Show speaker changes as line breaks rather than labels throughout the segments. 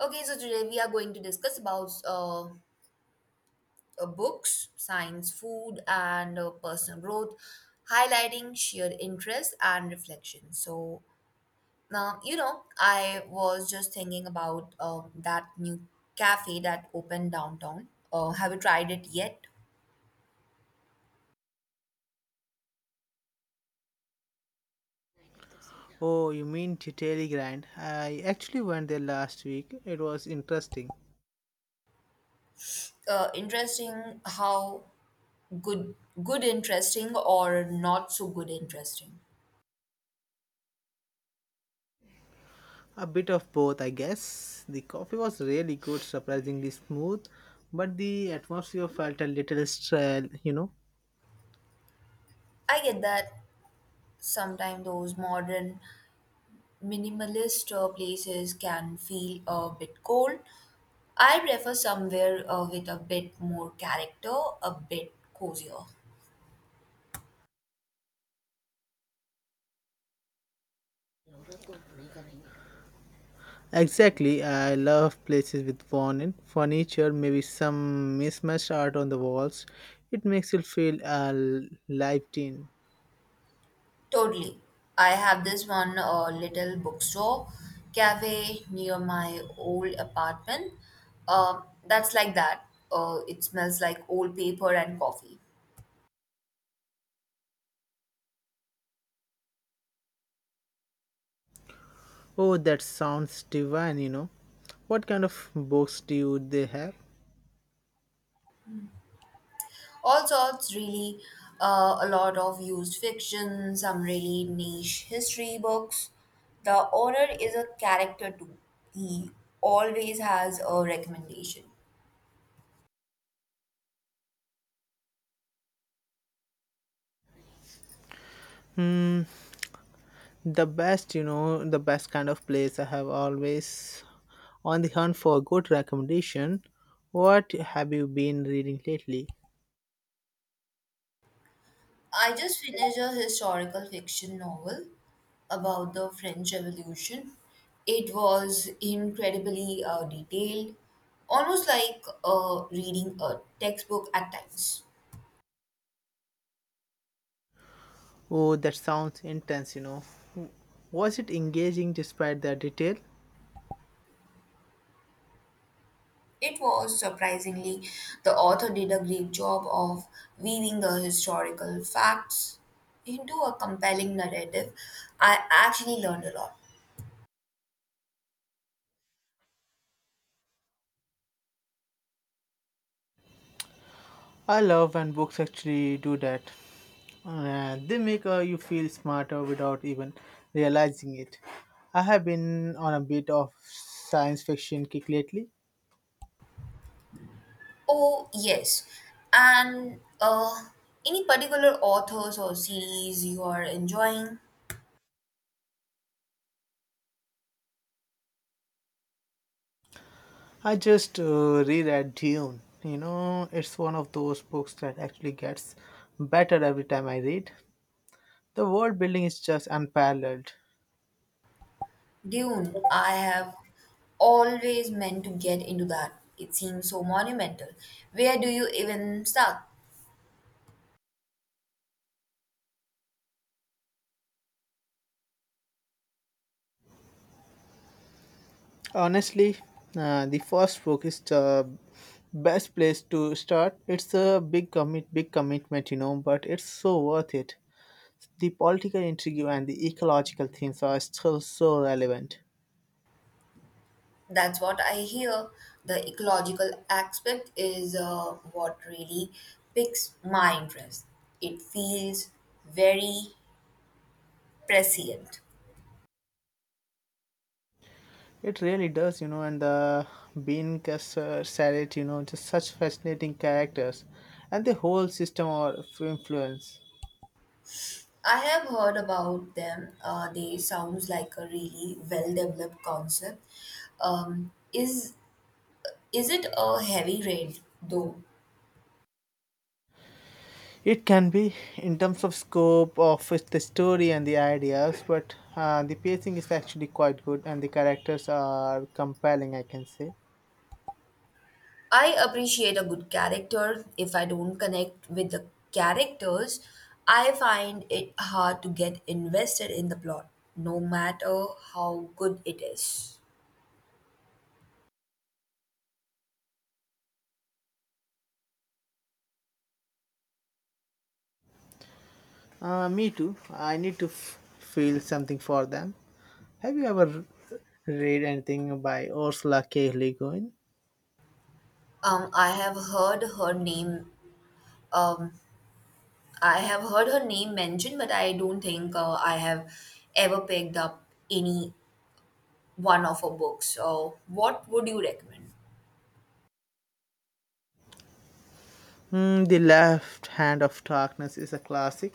Okay, so today we are going to discuss about books, science, food, and personal growth, highlighting shared interests and reflection. So now, I was just thinking about that new cafe that opened downtown. Have you tried it yet?
Oh, you mean to Telegram? I actually went there last week. It was interesting.
Interesting how good, good interesting or not so good interesting.
A bit of both, I guess. The coffee was really good, surprisingly smooth, but the atmosphere felt a little stale, you know.
I get that sometimes those modern minimalist places can feel a bit cold. I prefer somewhere with a bit more character, a bit cozier.
Exactly, I love places with fun furniture, maybe some mismatched art on the walls. It makes you feel lived in.
Totally. I have this one little bookstore cafe near my old apartment. Uh, that's like that. It smells like old paper and coffee.
Oh, that sounds divine, you know. What kind of books do they have?
All sorts really, a lot of used fiction, some really niche history books. The owner is a character too. He always has a recommendation.
The best, you know, the best kind of place. I have always on the hunt for a good recommendation. What have you been reading lately?
I just finished a historical fiction novel about the French Revolution. It was incredibly detailed, almost like reading a textbook at times.
Oh, that sounds intense, you know. Was it engaging despite the detail?
It was surprisingly, the author did a great job of weaving the historical facts into a compelling narrative. I actually learned a lot.
I love when books actually do that. They make you feel smarter without even realizing it. I have been on a bit of science fiction kick lately.
Oh, yes. And any particular authors or series you are enjoying?
I just reread Dune. You know, it's one of those books that actually gets better every time I read. The world building is just unparalleled.
Dune, I have always meant to get into that. It seems so monumental. Where do you even start?
Honestly, the first book is the best place to start. It's a big commitment, you know, but it's so worth it. The political intrigue and the ecological themes are still so relevant.
That's what I hear. The ecological aspect is what really piques my interest. It feels very prescient.
It really does, you know, and the Bean Casser, Sarret, you know, just such fascinating characters and the whole system of influence.
I have heard about them. They sounds like a really well-developed concept. Um, is is it a heavy rain though?
It can be in terms of the story and the ideas, but the pacing is actually quite good and the characters are compelling, I can say.
I appreciate a good character. If I don't connect with the characters, I find it hard to get invested in the plot, no matter how good it is.
Me too. I need to feel something for them. Have you ever read anything by Ursula K. Le Guin?
I have heard her name. Um, I have heard her name mentioned, but I don't think I have ever picked up any one of her books. So, what would you recommend?
Mm, the Left Hand of Darkness is a classic.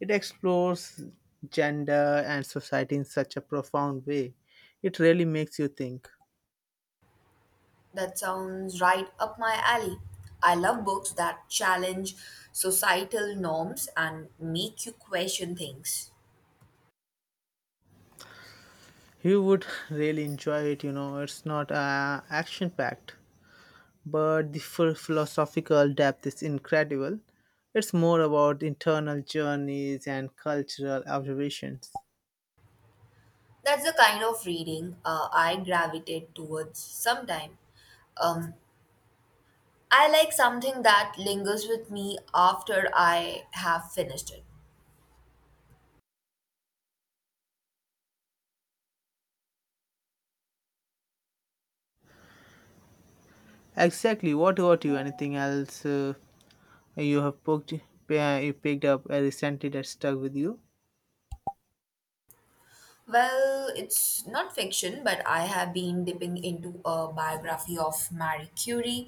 It explores gender and society in such a profound way. It really makes you think.
That sounds right up my alley. I love books that challenge societal norms and make you question things.
You would really enjoy it, you know. It's not action packed, but the full philosophical depth is incredible. It's more about internal journeys and cultural observations.
That's the kind of reading I gravitate towards sometime. Um, I like something that lingers with me after I have finished it.
Exactly. What about you? Anything else you have you picked up recently that stuck with you?
Well, it's not fiction, but I have been dipping into a biography of Marie Curie.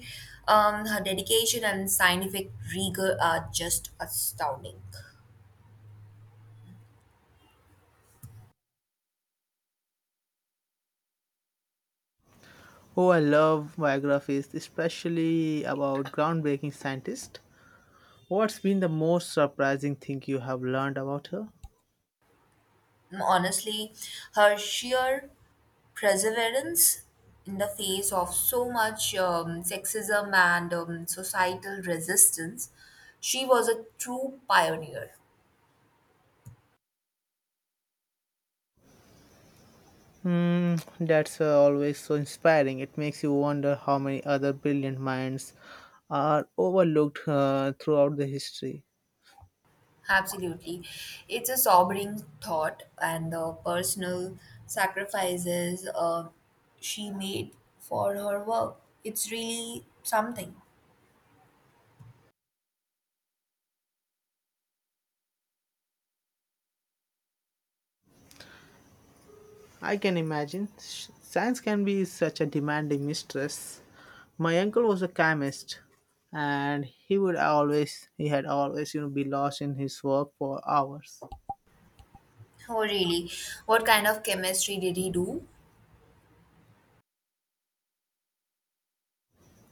Her dedication and scientific rigor are just astounding.
Oh, I love biographies, especially about groundbreaking scientists. What's been the most surprising thing you have learned about her?
Honestly, her sheer perseverance in the face of so much sexism and societal resistance, she was a true pioneer.
Hmm, that's always so inspiring. It makes you wonder how many other brilliant minds are overlooked throughout the history.
Absolutely. It's a sobering thought, and the personal sacrifices she made for her work. It's really something.
I can imagine. Science can be such a demanding mistress. My uncle was a chemist, and he had always, you know, be lost in his work for hours.
Oh, really? What kind of chemistry did he do?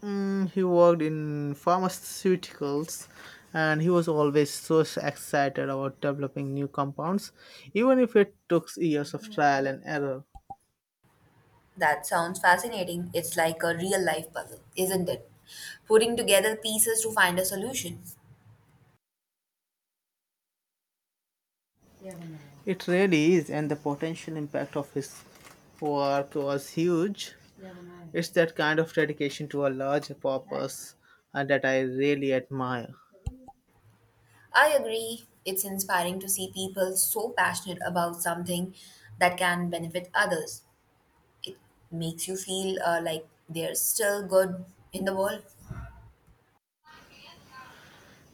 Mm, he worked in pharmaceuticals and he was always so excited about developing new compounds, even if it took years of trial and error.
That sounds fascinating. It's like a real life puzzle, isn't it? Putting together pieces to find a solution.
It really is, and the potential impact of his work was huge. It's that kind of dedication to a larger purpose that I really admire.
I agree. It's inspiring to see people so passionate about something that can benefit others. It makes you feel like they're still good in the world.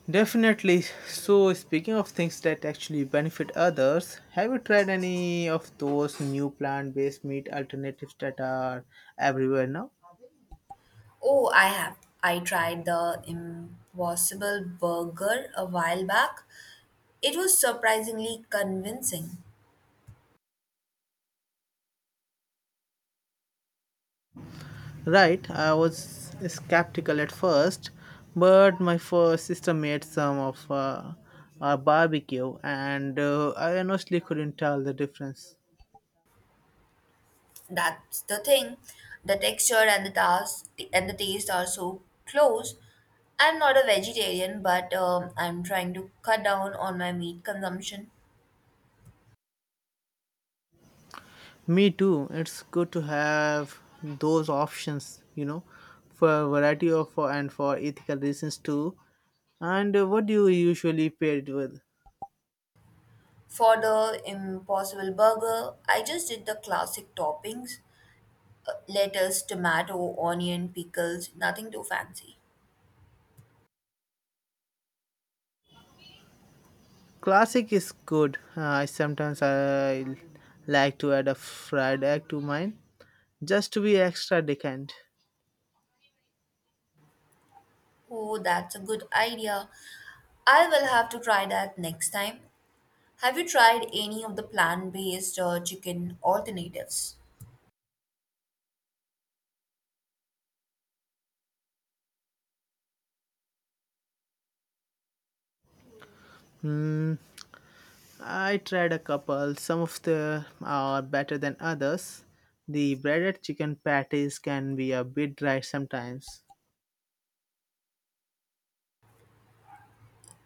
Definitely. So, speaking of things that actually benefit others, have you tried any of those new plant based meat alternatives that are everywhere now?
Oh, I have. I tried the Impossible Burger a while back. It was surprisingly convincing.
Right, I was skeptical at first, but my first sister made some of our barbecue, and I honestly couldn't tell the difference.
That's the thing. The texture and the taste are so close. I'm not a vegetarian, but I'm trying to cut down on my meat consumption.
Me too. It's good to have those options, you know, for a variety of for and for ethical reasons too. And what do you usually pair it with?
For the Impossible Burger, I just did the classic toppings: lettuce, tomato, onion, pickles. Nothing too fancy.
Classic is good. I sometimes I like to add a fried egg to mine just to be extra decant.
Oh, that's a good idea. I will have to try that next time. Have you tried any of the plant-based chicken alternatives?
Hmm. I tried a couple. Some of the are better than others. The breaded chicken patties can be a bit dry sometimes.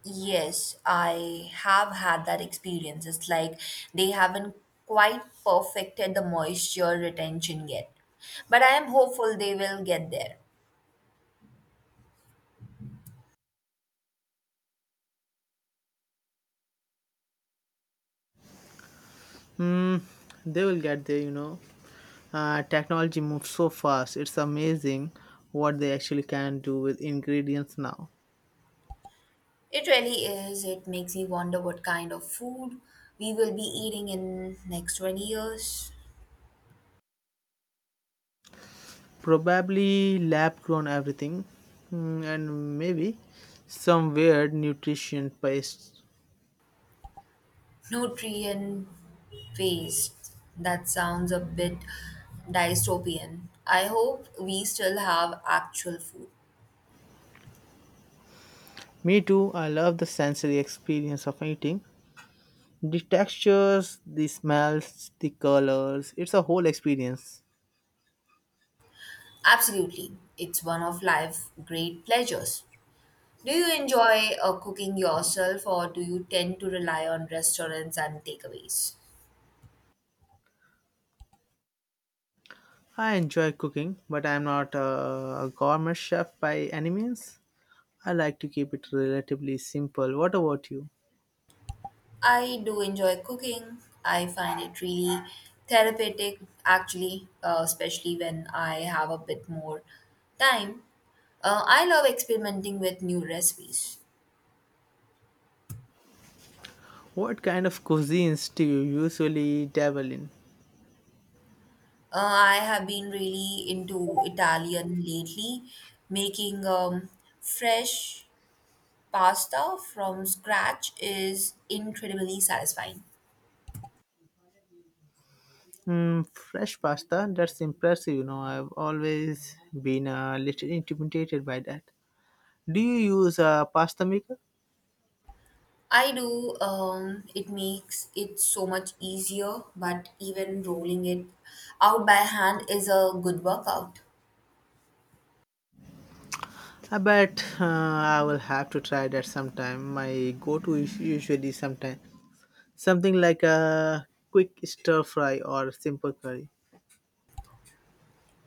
Yes, I have had that experience. It's like they haven't quite perfected the moisture retention yet. But I am hopeful they will get there.
Hmm, they will get there, you know. Technology moves so fast, it's amazing what they actually can do with ingredients now.
It really is. It makes me wonder what kind of food we will be eating in next 20 years.
Probably lab grown everything, hmm, and maybe some weird nutrition paste.
Nutrient waste. That sounds a bit dystopian. I hope we still have actual food.
Me too, I love the sensory experience of eating. The textures, the smells, the colors, it's a whole experience.
Absolutely. It's one of life's great pleasures. Do you enjoy cooking yourself or do you tend to rely on restaurants and takeaways?
I enjoy cooking, but I'm not a gourmet chef by any means. I like to keep it relatively simple. What about you?
I do enjoy cooking. I find it really therapeutic, actually, especially when I have a bit more time. I love experimenting with new recipes.
What kind of cuisines do you usually dabble in?
I have been really into Italian lately. Making fresh pasta from scratch is incredibly satisfying.
Mm, fresh pasta? That's impressive. You know, I've always been a little intimidated by that. Do you use a pasta maker?
I do. It makes it so much easier, but even rolling it out by hand is a good workout.
I bet. I will have to try that sometime. My go-to is usually sometime something like a quick stir fry or simple curry.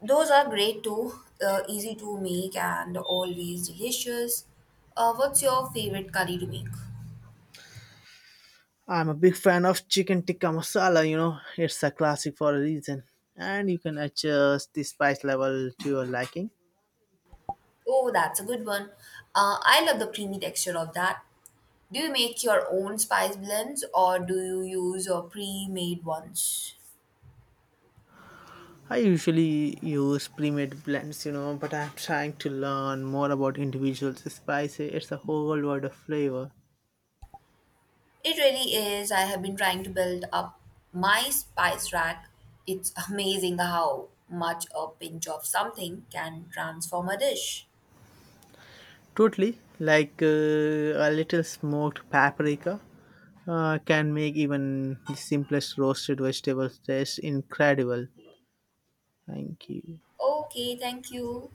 Those are great too, easy to make and always delicious. What's your favorite curry to make?
I'm a big fan of chicken tikka masala, you know, it's a classic for a reason. And you can adjust the spice level to your liking.
Oh, that's a good one. I love the creamy texture of that. Do you make your own spice blends or do you use your pre made ones?
I usually use pre-made blends, you know, but I'm trying to learn more about individual spices. It's a whole world of flavor.
It really is. I have been trying to build up my spice rack. It's amazing how much a pinch of something can transform a dish.
Totally, like a little smoked paprika can make even the simplest roasted vegetables taste incredible. Thank you.
Okay, thank you.